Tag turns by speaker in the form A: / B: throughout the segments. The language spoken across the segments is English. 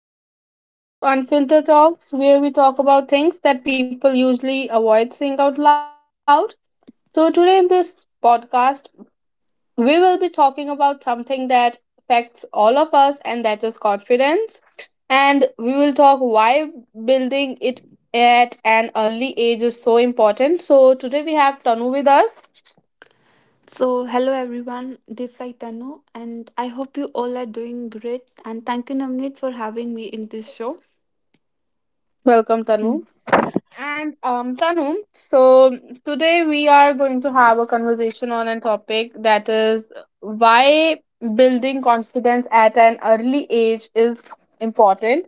A: another episode of Unfiltered Talks, where we talk about things that people usually avoid saying out loud. Today in this podcast, we will be talking about something that affects all of us, and that is confidence. And we will talk why building it at an early age is so important. So, today we have Tanu with us.
B: So, hello everyone, this is Tanu, and I hope you all are doing great. And thank you, Navneet, for having me in this show.
A: Welcome, Tanu.
B: Mm.
A: And Tanum, so today we are going to have a conversation on a topic that is why building confidence at an early age is important.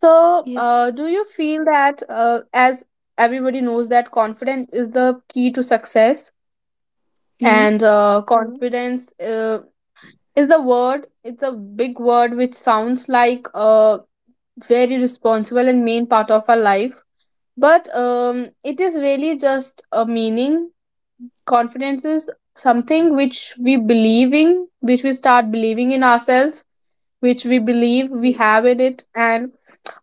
A: So,
B: Yes.
A: uh, do you feel that, as everybody knows, that confidence is the key to success,
B: Mm.
A: and confidence is the word, it's a big word which sounds like a very responsible and main part of our life, but it is really just a meaning. Confidence is something which we believe in, which we start believing in ourselves, which we believe we
B: Yeah.
A: have in it. And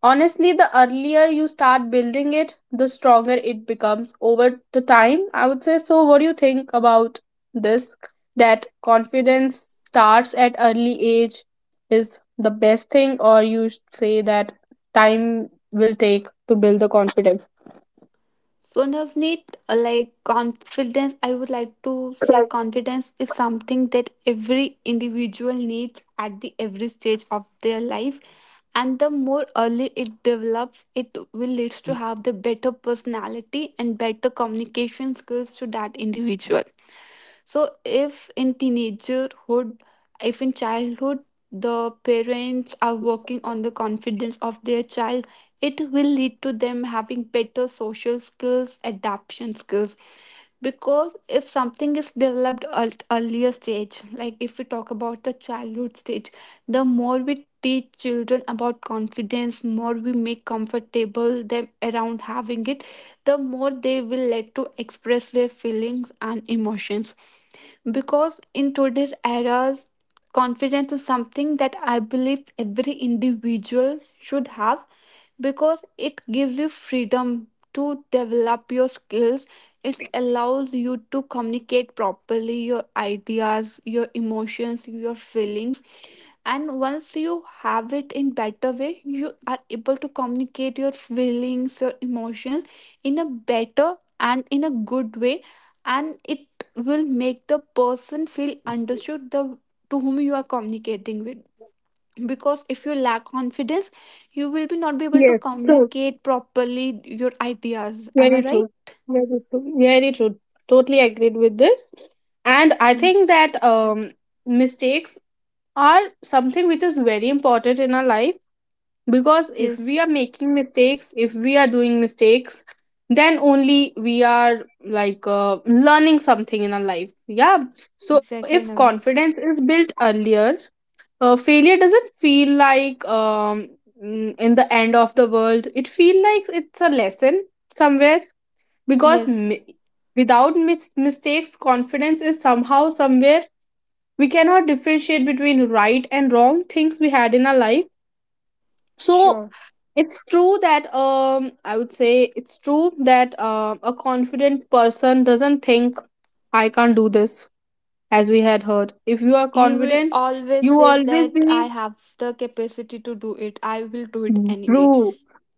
A: honestly, the earlier you start building it, the stronger it becomes over the time, I would say. So what do you think about this, that confidence starts at early age is the best thing, or you say that time will take to build the confidence?
B: So, Navneet, like confidence, I would like to say confidence is something that every individual needs at the every stage of their life. And the more early it develops, it will leads to have the better personality and better communication skills to that individual. So if in teenagerhood, if in childhood, the parents are working on the confidence of their child, it will lead to them having better social skills, adaptation skills. Because if something is developed at earlier stage, like if we talk about the childhood stage, the more we teach children about confidence, more we make comfortable them around having it, the more they will let to express their feelings and emotions. Because in today's era, confidence is something that I believe every individual should have, because it gives you freedom to develop your skills. It allows you to communicate properly your ideas, your emotions, your feelings. And once you have it in better way, you are able to communicate your feelings, your emotions in a better and in a good way, and it will make the person feel understood, the to whom you are communicating with. Because if you lack confidence, you will be not be able to
A: Yes, true.
B: communicate properly your ideas. Am I
A: Very
B: right?
A: true. Very true. Very true. Totally agreed with this. And I
B: Mm.
A: think that mistakes are something which is very important in our life, because if
B: Yes,
A: we are making mistakes, if we are doing mistakes, then only we are like learning something in our life. Yeah. So if
B: exactly, Navneet.
A: confidence is built earlier, failure doesn't feel like in the end of the world. It feels like it's a lesson somewhere, because
B: Yes.
A: without mistakes confidence is somehow somewhere, we cannot differentiate between right and wrong things we had in our life. So
B: Sure.
A: it's true that I would say it's true that a confident person doesn't think I can't do this. As we had heard, if you are
B: He will
A: confident,
B: always
A: you will
B: says
A: always
B: that I
A: be.
B: have the capacity to do it, I will do it
A: Mm.
B: anyway.
A: True.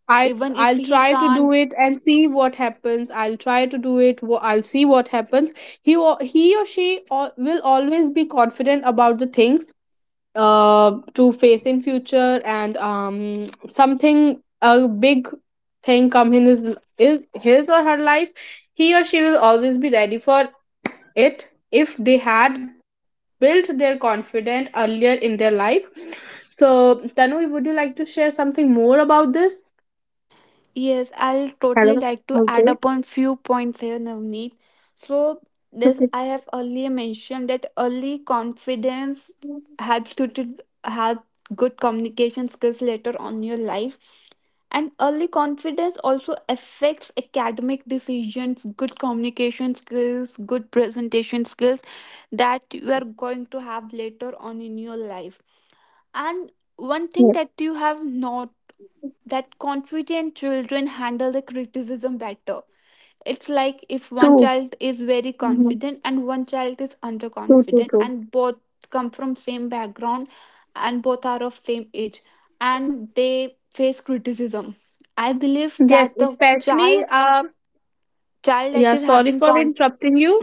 A: I
B: Even if
A: I'll
B: he
A: try to do
B: can't.
A: it and see what happens. I'll try to do it. I'll see what happens. He or she will always be confident about the things to face in future, and something a big thing come in his is his or her life. He or she will always be ready for it if they had built their confidence earlier in their life. So, Tanu, would you like to share something more about this?
B: Yes, I'll totally
A: Hello.
B: like to add
A: Okay.
B: upon few points here, Navneet. So this
A: Okay.
B: I have earlier mentioned that early confidence helps you to have good communication skills later on in your life. And early confidence also affects academic decisions, good communication skills, good presentation skills that you are going to have later on in your life. And one thing
A: Yes.
B: that you have not, that confident children handle the criticism better. It's like if one
A: True.
B: child is very
A: Mhm.
B: confident and one child is
A: True. True.
B: underconfident,
A: True.
B: and both come from same background, and both are of same age, and they face criticism. I believe
A: Yes.
B: that the
A: Especially.
B: child child
A: Yeah,
B: that is
A: sorry
B: having
A: for
B: confidence.
A: interrupting you.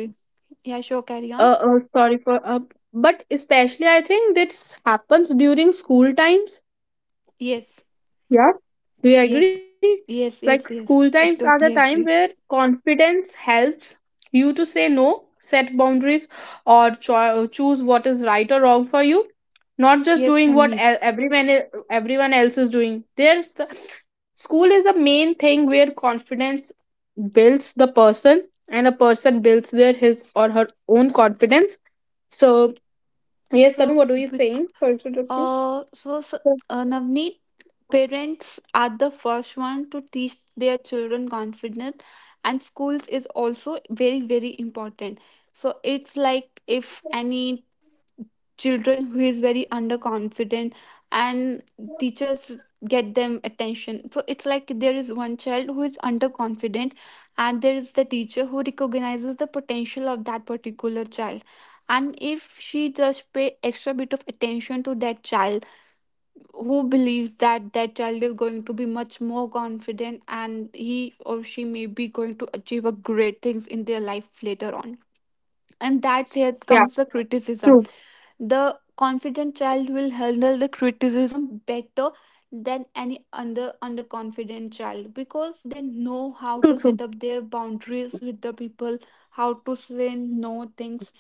B: Yeah, sure, carry on.
A: Uh, sorry for but especially I think this happens during school times.
B: Yes,
A: Yeah, do you
B: yes,
A: agree? Like
B: yes, yes,
A: school
B: yes.
A: times are
B: I
A: the time
B: totally
A: where
B: agree.
A: confidence helps you to say no, set boundaries, or choose what is right or wrong for you. Not just
B: Yes,
A: doing what
B: Namneet.
A: everyone everyone else is doing. There's the school is the main thing where confidence builds the person, and a person builds their his or her own confidence. So yes, Tanu,
B: So,
A: what are you
B: bec-
A: saying? Sorry to interrupt you.
B: So, s Navneet, parents are the first one to teach their children confidence, and schools is also very, very important. So, it's like if any children who is very underconfident, and teachers get them attention. So it's like there is one child who is underconfident, and there is the teacher who recognizes the potential of that particular child, and if she just pay extra bit of attention to that child, who believes that that child is going to be much more confident and he or she may be going to achieve a great things in their life later on. And that's here
A: Yeah,
B: comes the criticism.
A: true,
B: The confident child will handle the criticism better than any under underconfident child, because they know how
A: true,
B: to
A: true.
B: set up their boundaries with the people, how to say no things.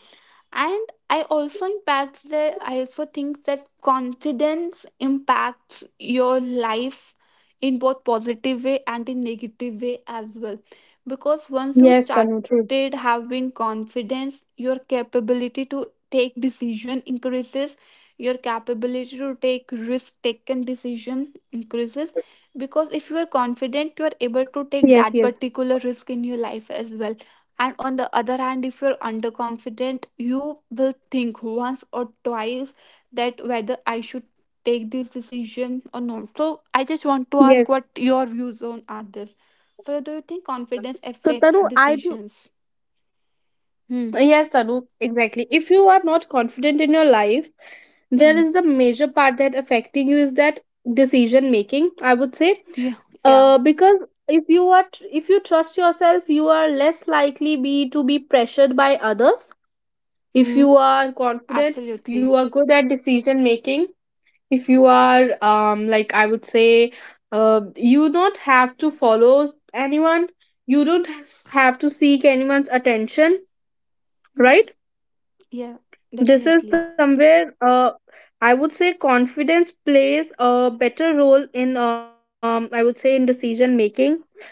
B: And I also impacts that I also think that confidence impacts your life in both positive way and in negative way as well. Because once you
A: Yes,
B: started
A: Tanu, true.
B: having confidence, your capability to take decision increases, your capability to take risk taken decision increases, because if you are confident you are able to take
A: Yes,
B: that
A: yes,
B: particular risk in your life as well. And on the other hand, if you're underconfident, you will think once or twice that whether I should take this decision or not. So I just want to ask
A: yes.
B: what your views on are this. So do you think confidence
A: So,
B: affects
A: Tanu, I do.
B: decisions? Hmm.
A: Yes, Tanu, exactly. If you are not confident in your life,
B: Hmm.
A: there is the major part that affecting you is that decision making, I would say,
B: Yeah, yeah.
A: because if if you trust yourself, you are less likely be to be pressured by others. If
B: Hmm.
A: you are confident, you
B: Absolutely.
A: are good at decision making. If you are like I would say, you don't have to follow anyone, you don't have to seek anyone's attention,
B: Mhm.
A: right?
B: Yeah,
A: This is
B: definitely.
A: somewhere, I would say confidence plays a better role in, I would say in decision making.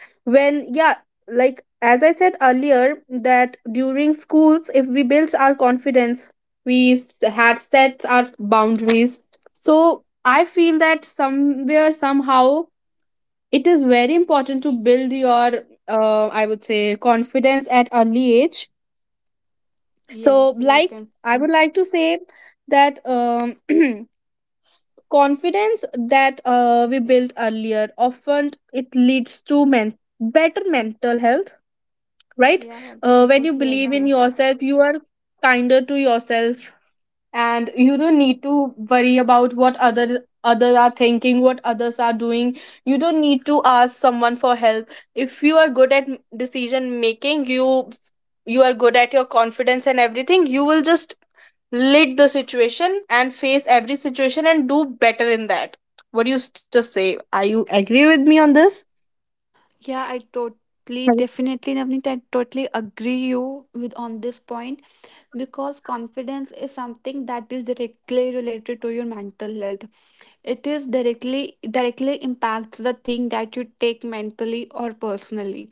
A: When, yeah, like as I said earlier, that during schools if we built our confidence, had set our boundaries, so I feel that somewhere somehow it is very important to build your, I would say, confidence at early age. So
B: Yes, you are
A: like
B: can.
A: I would like to say that confidence that we built earlier often it leads to better mental health, right?
B: Yeah, I
A: When you
B: totally
A: believe in
B: agree.
A: yourself, you are kinder to yourself, and you don't need to worry about what others are thinking, what others are doing. You don't need to ask someone for help. If you are good at decision making, you are good at your confidence and everything, you will just lid the situation and face every situation and do better in that. What do you just say, are you agree with me on this?
B: Yeah, I totally,
A: Yes.
B: definitely, Navneet, I totally agree you with on this point, because confidence is something that is directly related to your mental health. It is directly directly impacts the thing that you take mentally or personally.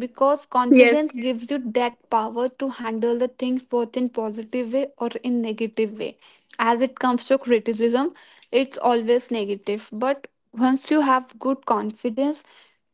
B: Because
A: Yes,
B: confidence gives you that power to handle the things both in positive way or in negative way. As it comes to criticism, it's always negative, but once you have good confidence,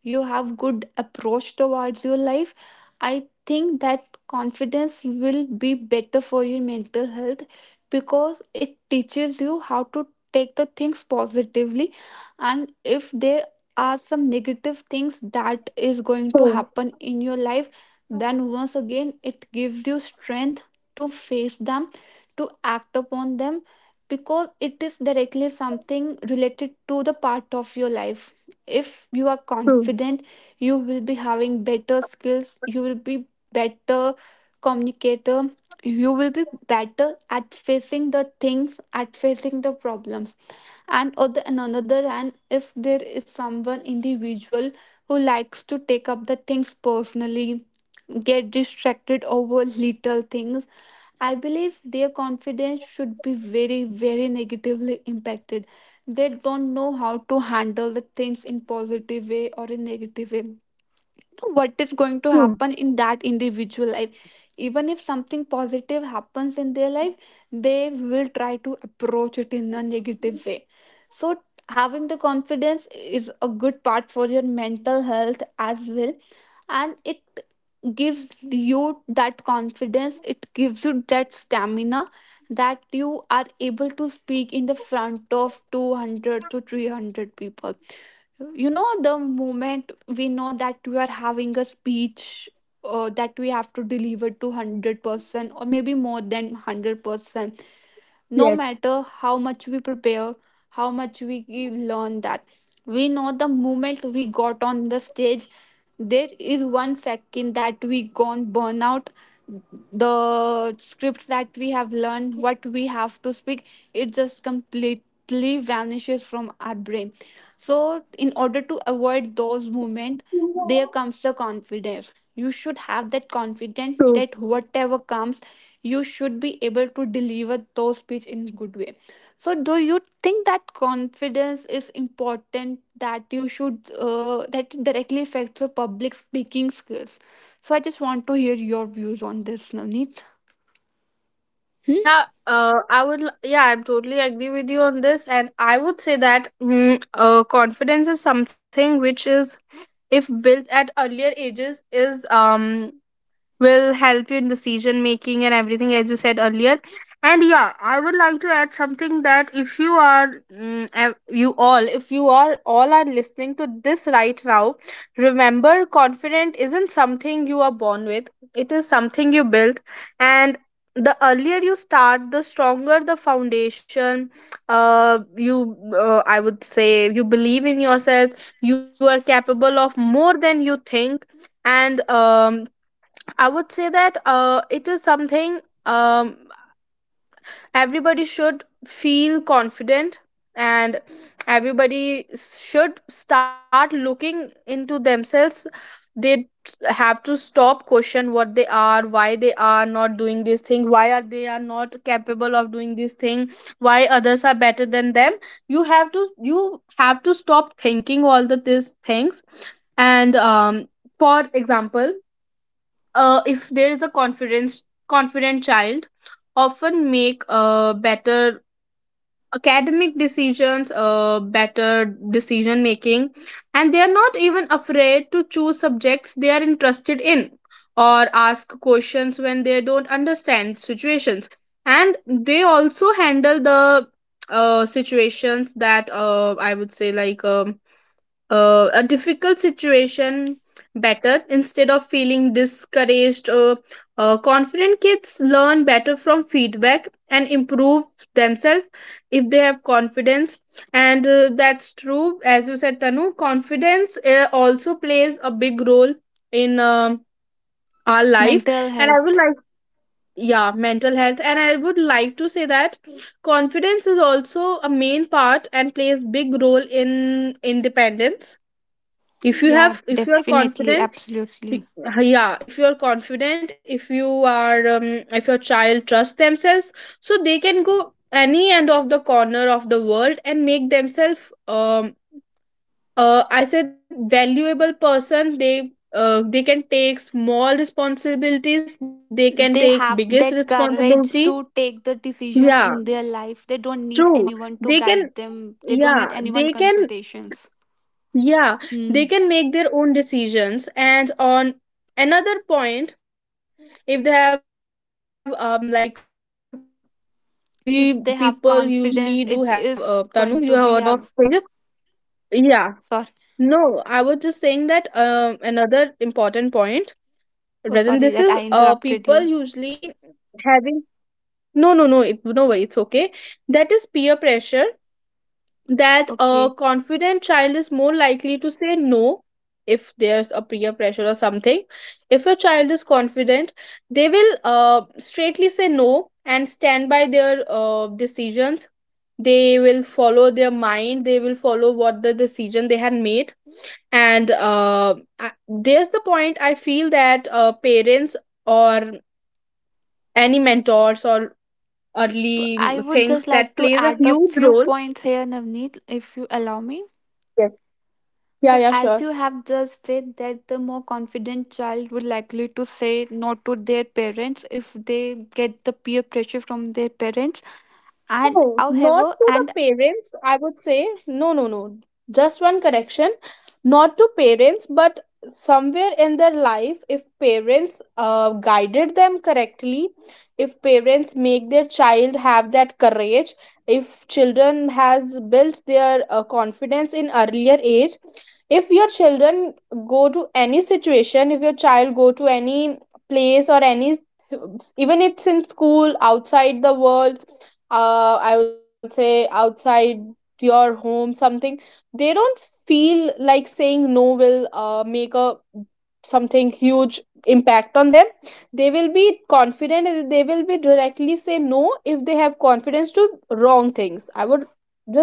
B: you have good approach towards your life. I think that confidence will be better for your mental health, because it teaches you how to take the things positively. And if there are some negative things that is going to
A: true,
B: happen in your life, then once again it gives you strength to face them, to act upon them, because it is directly something related to the part of your life. If you are
A: true,
B: confident, you will be having better skills, you will be better communicator, you will be better at facing the things, at facing the problems. And other and another hand, if there is someone individual who likes to take up the things personally, get distracted over little things, I believe their confidence should be very, very negatively impacted. They don't know how to handle the things in positive way or in negative way, what is going to
A: true.
B: happen in that individual life. Even if something positive happens in their life, they will try to approach it in a negative way. So having the confidence is a good part for your mental health as well. And it gives you that confidence, it gives you that stamina, that you are able to speak in the front of 200 to 300 people. You know the moment we know that we are having a speech, that we have to deliver to 100% or maybe more than 100%.
A: Yes,
B: No matter how much we prepare, how much we learn, that we know the moment we got on the stage, there is 1 second that we gone burn out. The scripts that we have learned, what we have to speak, it just completely vanishes from our brain. So in order to avoid those moments, there comes the confidence. You should have that confidence
A: true.
B: that whatever comes, you should be able to deliver those speech in good way. So do you think that confidence is important, that you should that it directly affects your public speaking skills? So I just want to hear your views on this, Navneet. Hmm?
A: Yeah, I would. Yeah, I'm totally agree with you on this, and I would say that confidence is something which is, if built at earlier ages, is will help you in decision making and everything as you said earlier. And yeah, I would like to add something that if you are, you all, if you are all are listening to this right now, remember, confident isn't something you are born with, it is something you build. And the earlier you start, the stronger the foundation. You I would say, you believe in yourself, you are capable of more than you think. And I would say that it is something, everybody should feel confident, and everybody should start looking into themselves. They have to stop question what they are, why they are not doing this thing, why are they are not capable of doing this thing, why others are better than them. You have to stop thinking all the these things. And for example, if there is a confidence confident child, often make better academic decisions, better decision making, and they are not even afraid to choose subjects they are interested in, or ask questions when they don't understand situations. And they also handle the situations that, I would say, like a difficult situation better instead of feeling discouraged. Confident kids learn better from feedback and improve themselves if they have confidence. And that's true, as you said, Tanu. Confidence also plays a big role in our life.
B: Mental
A: And I would
B: health.
A: like, yeah, mental health. And I would like to say that confidence is also a main part and plays big role in independence. If you
B: Yeah,
A: have, if you are
B: definitely,
A: confident,
B: absolutely.
A: y- yeah, if you are confident, if you are if your child trusts themselves, so they can go any end of the corner of the world and make themselves I said valuable person. They can take small responsibilities, they can
B: They
A: take
B: have
A: biggest
B: that courage
A: responsibility.
B: to take the decisions
A: Yeah,
B: in their life, they don't need
A: true,
B: anyone to
A: they
B: guide
A: can,
B: them, they don't need
A: yeah
B: anyone
A: they can,
B: consultations.
A: yeah, they
B: Hmm.
A: can make their own decisions. And on another point, if they have like, we people usually do have,
B: If they have
A: Tanum, you have heard
B: confidence,
A: of
B: it
A: finger,
B: is going to be have.
A: yeah. No, I was
B: Sorry.
A: just saying that another important point rather than this
B: Oh,
A: is,
B: sorry that I
A: people
B: interrupted you.
A: usually having, no, it no worry, it's okay, that is peer pressure. That a
B: Okay.
A: confident child is more likely to say no if there's a peer pressure or something. If a child is confident, they will straightly say no and stand by their decisions. They will follow their mind, they will follow what the decision they had made. And there's the point I feel that parents or any mentors or
B: So I
A: early
B: would just
A: things
B: like
A: that
B: to
A: plays a
B: add up
A: huge
B: few
A: role.
B: points here, Navneet, if you allow me.
A: Yes, yeah
B: So
A: yeah
B: as
A: sure.
B: you have just said that the more confident child would likely to say no to their parents if they get the peer pressure from their parents, and
A: No, not
B: however
A: to the
B: an.
A: parents, I would say. No, no, no. Just one correction. Not to parents, but somewhere in their life, if parents guided them correctly, if parents make their child have that courage, if children has built their confidence in earlier age, if your children go to any situation, if your child go to any place or any, even it's in school outside the world, I would say outside your home something, they don't feel like saying no will make a something huge impact on them. They will be confident and they will be directly say no if they have confidence to wrong things, I would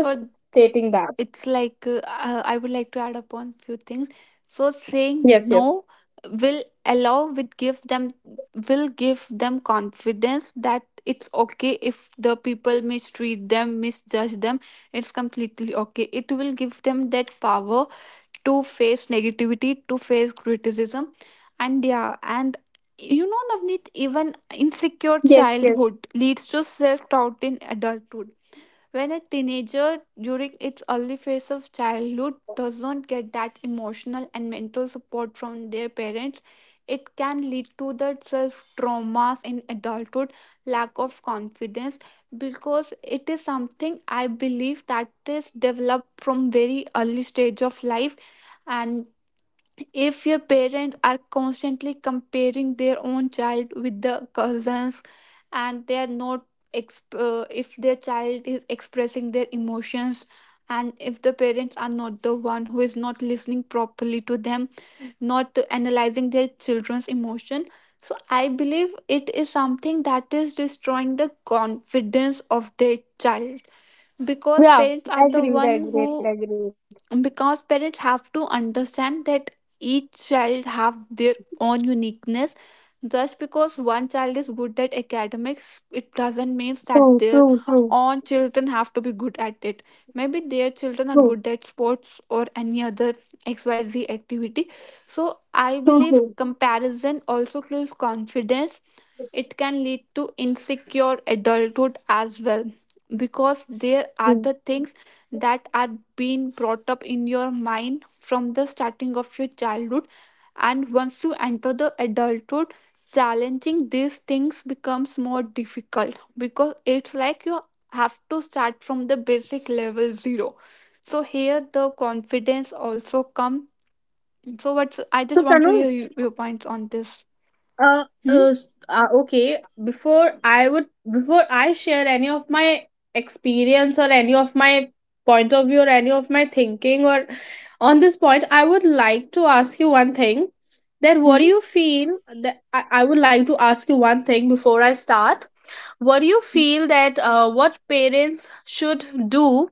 B: So
A: stating that.
B: it's like I would like to add upon few things. So saying
A: Yes, yes.
B: no will allow, will give them, will give them confidence that it's okay if the people mistreat them, misjudge them. It's completely okay. It will give them that power to face negativity, to face criticism. And yeah, and you know Navneet, even insecure
A: Yes, yes.
B: childhood leads to self doubt in adulthood. When a teenager, during its early phase of childhood, does not get that emotional and mental support from their parents, it can lead to the self traumas in adulthood, lack of confidence, because it is something I believe that is developed from very early stage of life. And if your parents are constantly comparing their own child with the cousins, and they are not if their child is expressing their emotions, and if the parents are not the one who is not listening properly to them, not analyzing their children's emotion, so I believe it is something that is destroying the confidence of their child, because
A: Yeah.
B: parents are the
A: Agreed,
B: one
A: agreed,
B: who,
A: agreed.
B: because parents have to understand that each child have their own uniqueness. Just because one child is good at academics, it doesn't mean that
A: True,
B: their
A: true, true,
B: own children have to be good at it. Maybe their children are
A: true,
B: good at sports or any other xyz activity. So I
A: true,
B: believe
A: true.
B: comparison also kills confidence. It can lead to insecure adulthood as well, because there are
A: True.
B: the things that are being brought up in your mind from the starting of your childhood. And once you enter the adulthood, challenging these things becomes more difficult, because it's like you have to start from the basic level 0. So here the confidence also come. So what's I
A: So
B: just want to
A: Tanu.
B: hear you, your points on this.
A: uh,
B: Hmm?
A: okay. before i would Before I share any of my experience or any of my point of view or any of my thinking or on this point, I would like to ask you one thing. That what do
B: Hmm?
A: you feel that I would like to ask you one thing before I start. What do you
B: Hmm?
A: feel that what parents should do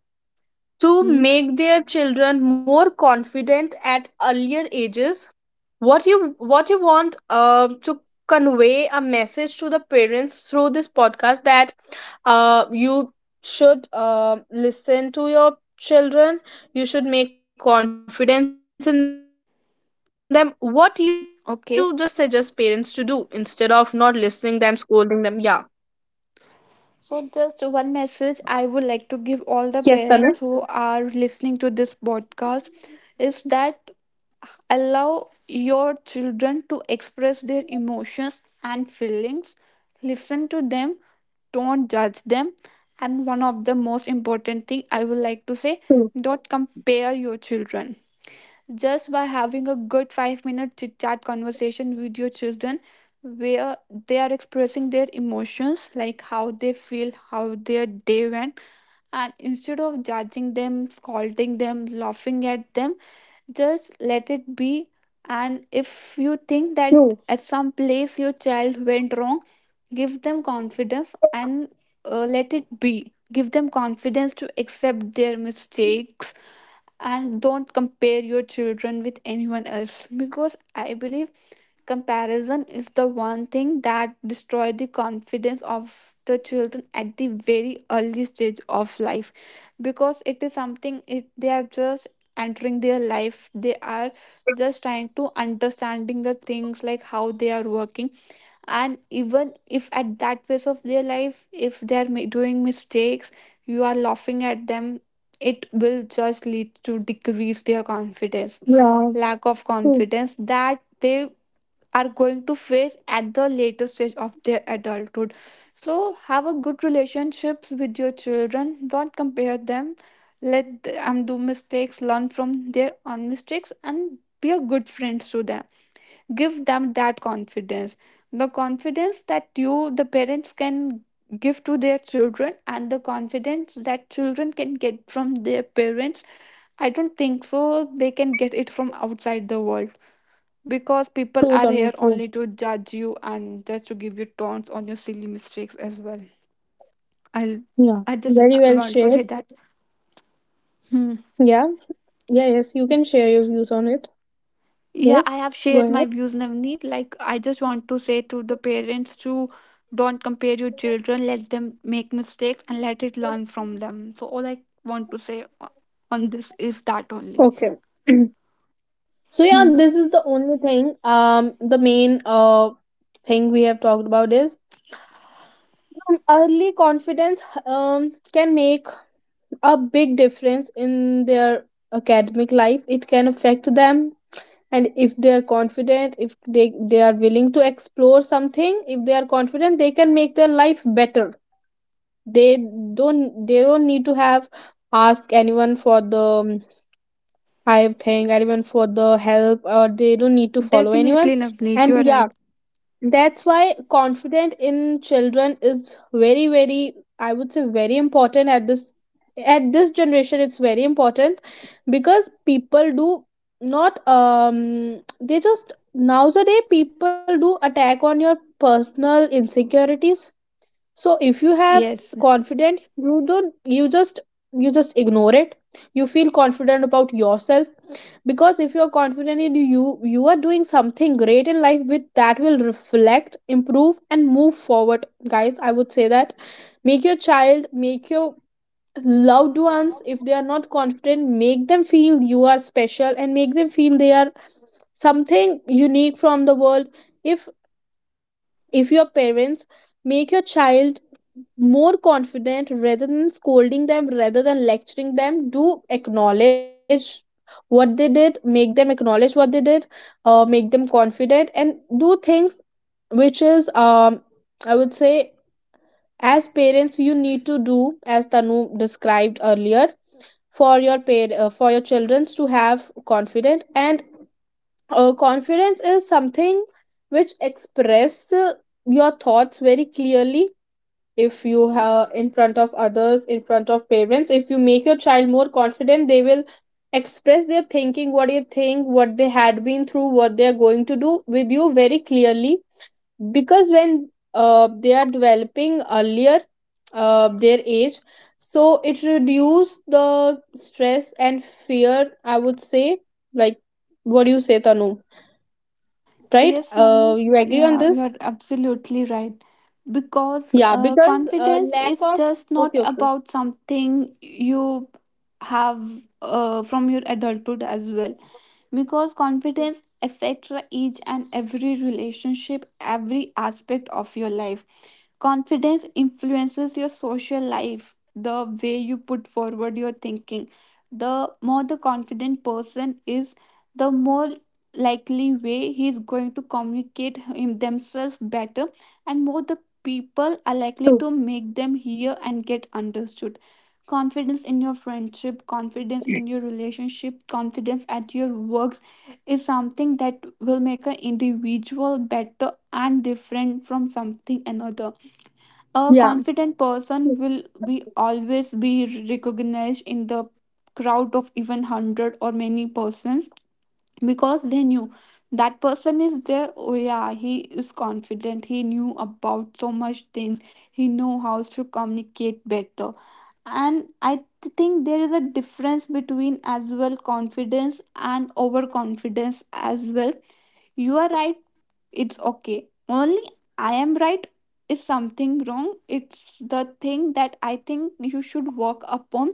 A: to
B: Hmm?
A: make their children more confident at earlier ages? What you want to convey a message to the parents through this podcast? That you should listen to your children, you should make confidence in them. What you just suggest parents to do instead of not
B: Okay.
A: listening them, scolding them? Yeah,
B: So, just one
A: yes
B: message
A: Tanu.
B: I would like to give all the parents who are listening to this podcast is that allow your children to express their emotions and feelings. Listen to them, don't judge them. And one of the most
A: True,
B: important thing I would like to say, don't compare your children. Just by having a good 5 minute chit chat conversation with your children where they are expressing their emotions, like how they feel, how their day went, and instead of judging them, scolding them, laughing at them, just let it be. And if you think that
A: true,
B: at some place your child went wrong, give them confidence and let it be give them confidence to accept their mistakes. And don't compare your children with anyone else, because I believe comparison is the one thing that destroys the confidence of the children at the very early stage of life, because it is something they are just entering their life. They are just trying to understanding the things, like how they are working. And even if at that phase of their life if they are doing mistakes, you are laughing at them, it will just lead to decrease their confidence,
A: yeah,
B: lack of
A: true.
B: confidence that they are going to face at the later stage of their adulthood. So have a good relationships with your children. Don't compare them. Let them do mistakes, learn from their own mistakes, and be a good friend to them. Give them that confidence. The confidence that you, the parents, can give to their children, and the confidence that children can get from their parents. I don't think so. They can get it from outside the world. Because people
A: True
B: are
A: Tanu,
B: here
A: true.
B: only to judge you and just to give you taunts on your silly mistakes as well. I'll
A: Yeah,
B: I just
A: very well
B: want to say
A: shared.
B: that. Hmm.
A: Yeah. Yeah, yes, you can
B: Yes.
A: share your views on it.
B: Yeah,
A: Yes,
B: I have
A: go
B: shared my
A: ahead.
B: views, Navneet. Like I just want to say to the parents to don't compare your children, let them make mistakes and let it learn from them. So all I want to say on this is that only.
A: Okay. So yeah,
B: Hmm.
A: this is the only thing. The main thing we have talked about is early confidence. Can make a big difference in their academic life. It can affect them, and if they are confident, if they are willing to explore something, if they are confident, they can make their life better. They don't need to have ask anyone for the I think, or even for the help, or they don't need to follow anyone.
B: Definitely, Navneet, you're
A: And yeah,
B: right.
A: that's why confident in children is very, very, I would say, very important at this generation. It's very important because people do not they just nowadays people do attack on your personal insecurities. So if you have
B: Yes.
A: confident, you don't you just ignore it, you feel confident about yourself. Because if you're confident in you, you are doing something great in life with that will reflect, improve and move forward. Guys, I would say that, make your child, make your loved ones, if they are not confident, make them feel you are special and make them feel they are something unique from the world. If if your parents make your child more confident rather than scolding them, rather than lecturing them, do acknowledge what they did, make them acknowledge what they did. Make them confident and do things which is I would say, as parents you need to do, as Tanu described earlier, for your pair for your children to have confident. And confidence is something which express your thoughts very clearly. If you have, in front of others, in front of parents, if you make your child more confident, they will express their thinking, what they think, what they had been through, what they are going to do with you very clearly. Because when they are developing earlier their age, so it reduce the stress and fear, I would say. Like, what do you say Tanu, right?
B: Yes, Navneet,
A: You agree on
B: yeah, you
A: this?
B: are absolutely right. Because
A: Yeah, because
B: confidence
A: lack
B: is
A: of,
B: just not
A: okay, okay,
B: about something you have from your adulthood as well. Because confidence affects each and every relationship, every aspect of your life. Confidence influences your social life, the way you put forward your thinking. The more the confident person is, the more likely way he is going to communicate him themselves better, and more the people
A: true.
B: are likely to make them hear and get understood. Confidence in your friendship, confidence in your relationship, confidence at your works is something that will make an individual better and different from something another.
A: Yeah,
B: A confident
A: true.
B: person will be always be recognized in the crowd of even 100 or many persons, because they knew that person is there. Oh yeah, he is confident, he knew about so much things, he know how to communicate better. And I think there is a difference between as well confidence and overconfidence as well. You are right, it's okay. Only I am right is something wrong. It's the thing that I think you should work upon.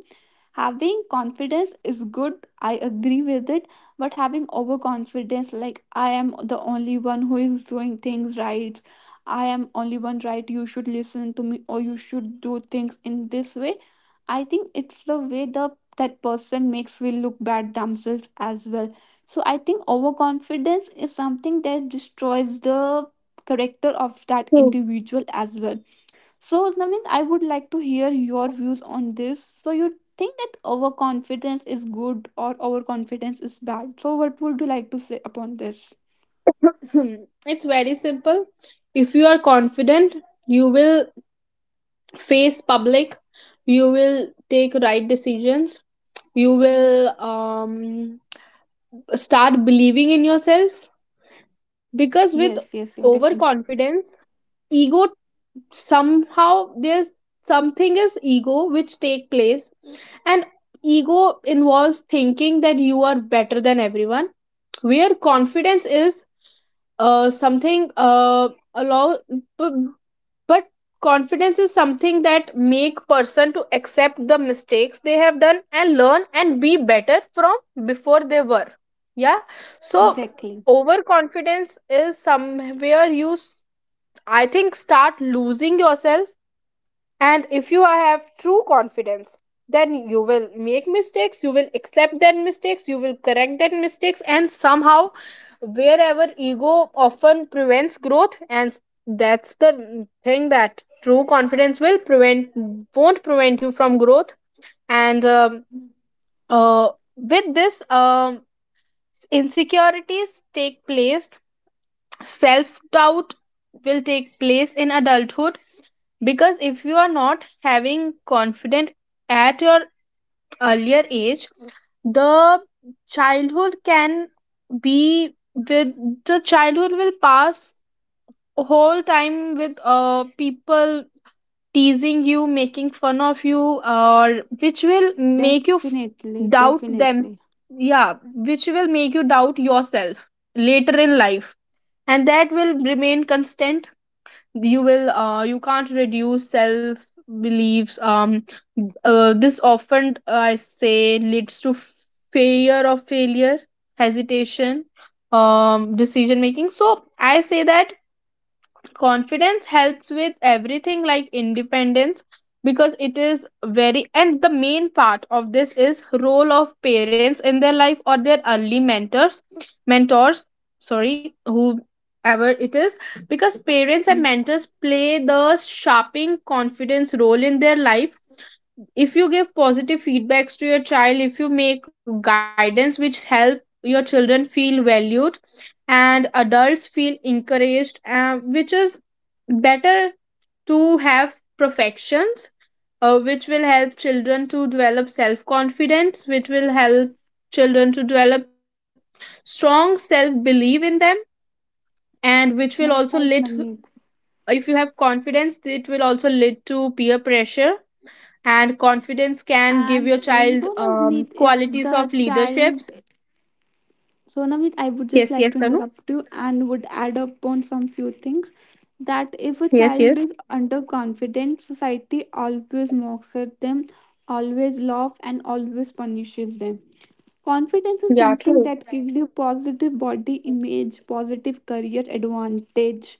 B: Having confidence is good, I agree with it, but having overconfidence, like I am the only one who is doing things right, I am only one right, you should listen to me or you should do things in this way, I think it's the way the that person makes will look bad themselves as well. So I think overconfidence is something that destroys the character of that
A: True.
B: individual as well. So, Navneet, I would like to hear your views on this. So, you think that overconfidence is good or overconfidence is bad? So, what would you like to say upon this?
A: It's very simple. If you are confident, you will face public. You will take right decisions. You
B: Mm.
A: will start believing in yourself. Because with
B: Yes, yes, you're definitely.
A: overconfidence, ego, somehow there's something is ego which take place. And ego involves thinking that you are better than everyone, where confidence is something allow b- but confidence is something that make person to accept the mistakes they have done and learn and be better from before they were. Yeah, so
B: Exactly.
A: overconfidence is somewhere I think start losing yourself. And if you have true confidence, then you will make mistakes, you will accept that mistakes, you will correct that mistakes, and somehow, wherever ego often prevents growth, and that's the thing that true confidence will prevent, won't prevent you from growth. And
B: Mm.
A: uh, with this, insecurities take place, self doubt will take place in adulthood. Because if you are not having confident at your earlier age, the childhood can be with the childhood will pass whole time with people teasing you, making fun of you, or which will make you f-
B: Definitely,
A: doubt them
B: definitely.
A: yeah which will make you doubt yourself later in life. And that will remain constant, you will you can't reduce self beliefs. This often I say leads to fear of failure, hesitation, decision making. So I say that confidence helps with everything, like independence. Because it is very, and the main part of this is role of parents in their life or their early mentors, sorry, whoever it is. Because parents and
B: Mm.
A: mentors play the shaping confidence role in their life. If you give positive feedbacks to your child, if you make guidance which help your children feel valued and adults feel encouraged, which is better to have perfections, which will help children to develop self confidence, which will help children to develop strong self belief in them. And which will also
B: Yeah,
A: lead,
B: right, Navneet.
A: if you have confidence, it will also lead to peer pressure. And confidence can give your
B: And you
A: child
B: know, Navneet, if
A: qualities of
B: the child.
A: leaderships.
B: So, Navit, I would just
A: Yes,
B: like
A: yes
B: to
A: Tanu.
B: interrupt you and would add up on some few things, that if a
A: Yes,
B: child
A: yes.
B: is underconfident, society always mocks at them, always laughs, and always punishes them. Confidence is
A: Yeah,
B: something
A: true.
B: that gives you positive body image, positive career advantage,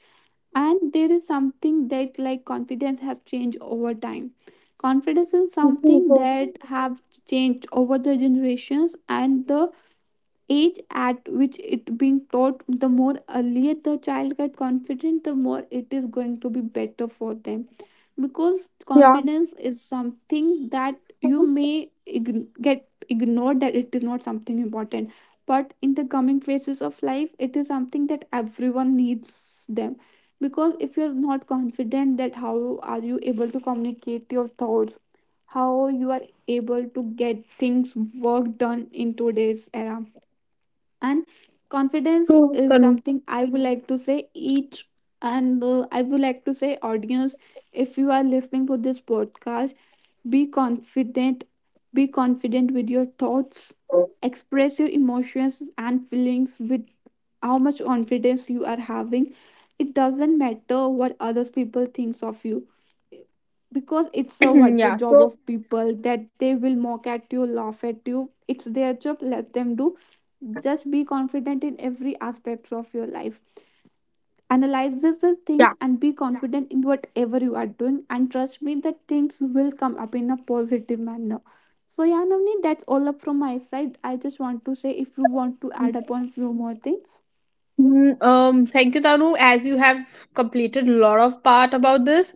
B: and there is something that like confidence has changed over time. Confidence is
A: True,
B: something
A: true.
B: that have changed over the generations, and the age at which it being taught, the more earlier the child get confident, the more it is going to be better for them, because
A: Yeah,
B: confidence is something that you may get ignored that it is not something important, but in the coming phases of life it is something that everyone needs them. Because if you're not confident, that how are you able to communicate your thoughts, how you are able to get things work done in today's era. And
A: true
B: confidence
A: Tanu.
B: is something I would like to say each and I would like to say audience, if you are listening to this podcast, be confident, be confident with your thoughts, express your emotions and feelings with how much confidence you are having. It doesn't matter what other people thinks of you, because it's a what's a
A: Yeah,
B: job
A: so
B: of people that they will mock at you, laugh at you, it's their job, let them do. Just be confident in every aspect of your life, analyze the things and be confident in whatever you are doing, and trust me that things will come up in a positive manner. So yeah, Navni, that's all up from my side. I just want to say if you want to add
A: yeah.
B: upon few more things.
A: Thank you, Tanu. As you have completed a lot of part about this,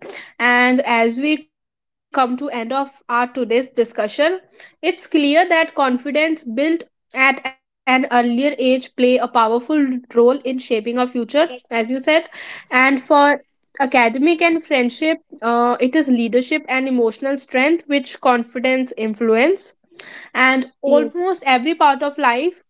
A: and as we come to end of our today's discussion, it's clear that confidence built at an earlier age play a powerful role in shaping our future, as you said. And for academic and friendship, it is leadership and emotional strength which confidence influence and
B: Yes,
A: almost every part of life.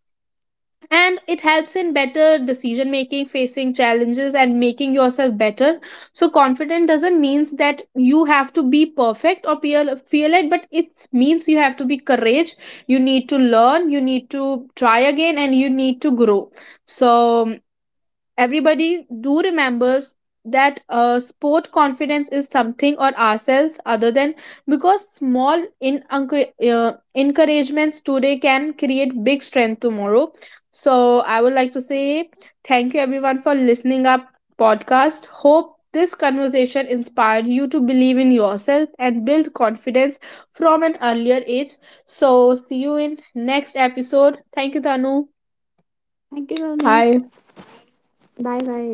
A: And it helps in better decision making, facing challenges and making yourself better. So confident doesn't means that you have to be perfect or feel it, but it means you have to be courage. You need to learn, you need to try again and you need to grow. So everybody do remembers that sport confidence is something or ourselves other than, because small in encouragements today can create big strength tomorrow. So I would like to say thank you everyone for listening up podcast. Hope this conversation inspired you to believe in yourself and build confidence from an earlier age. So see you in next episode. Thank you Tanu.
B: thank you, Navni.
A: Bye.
B: Bye bye.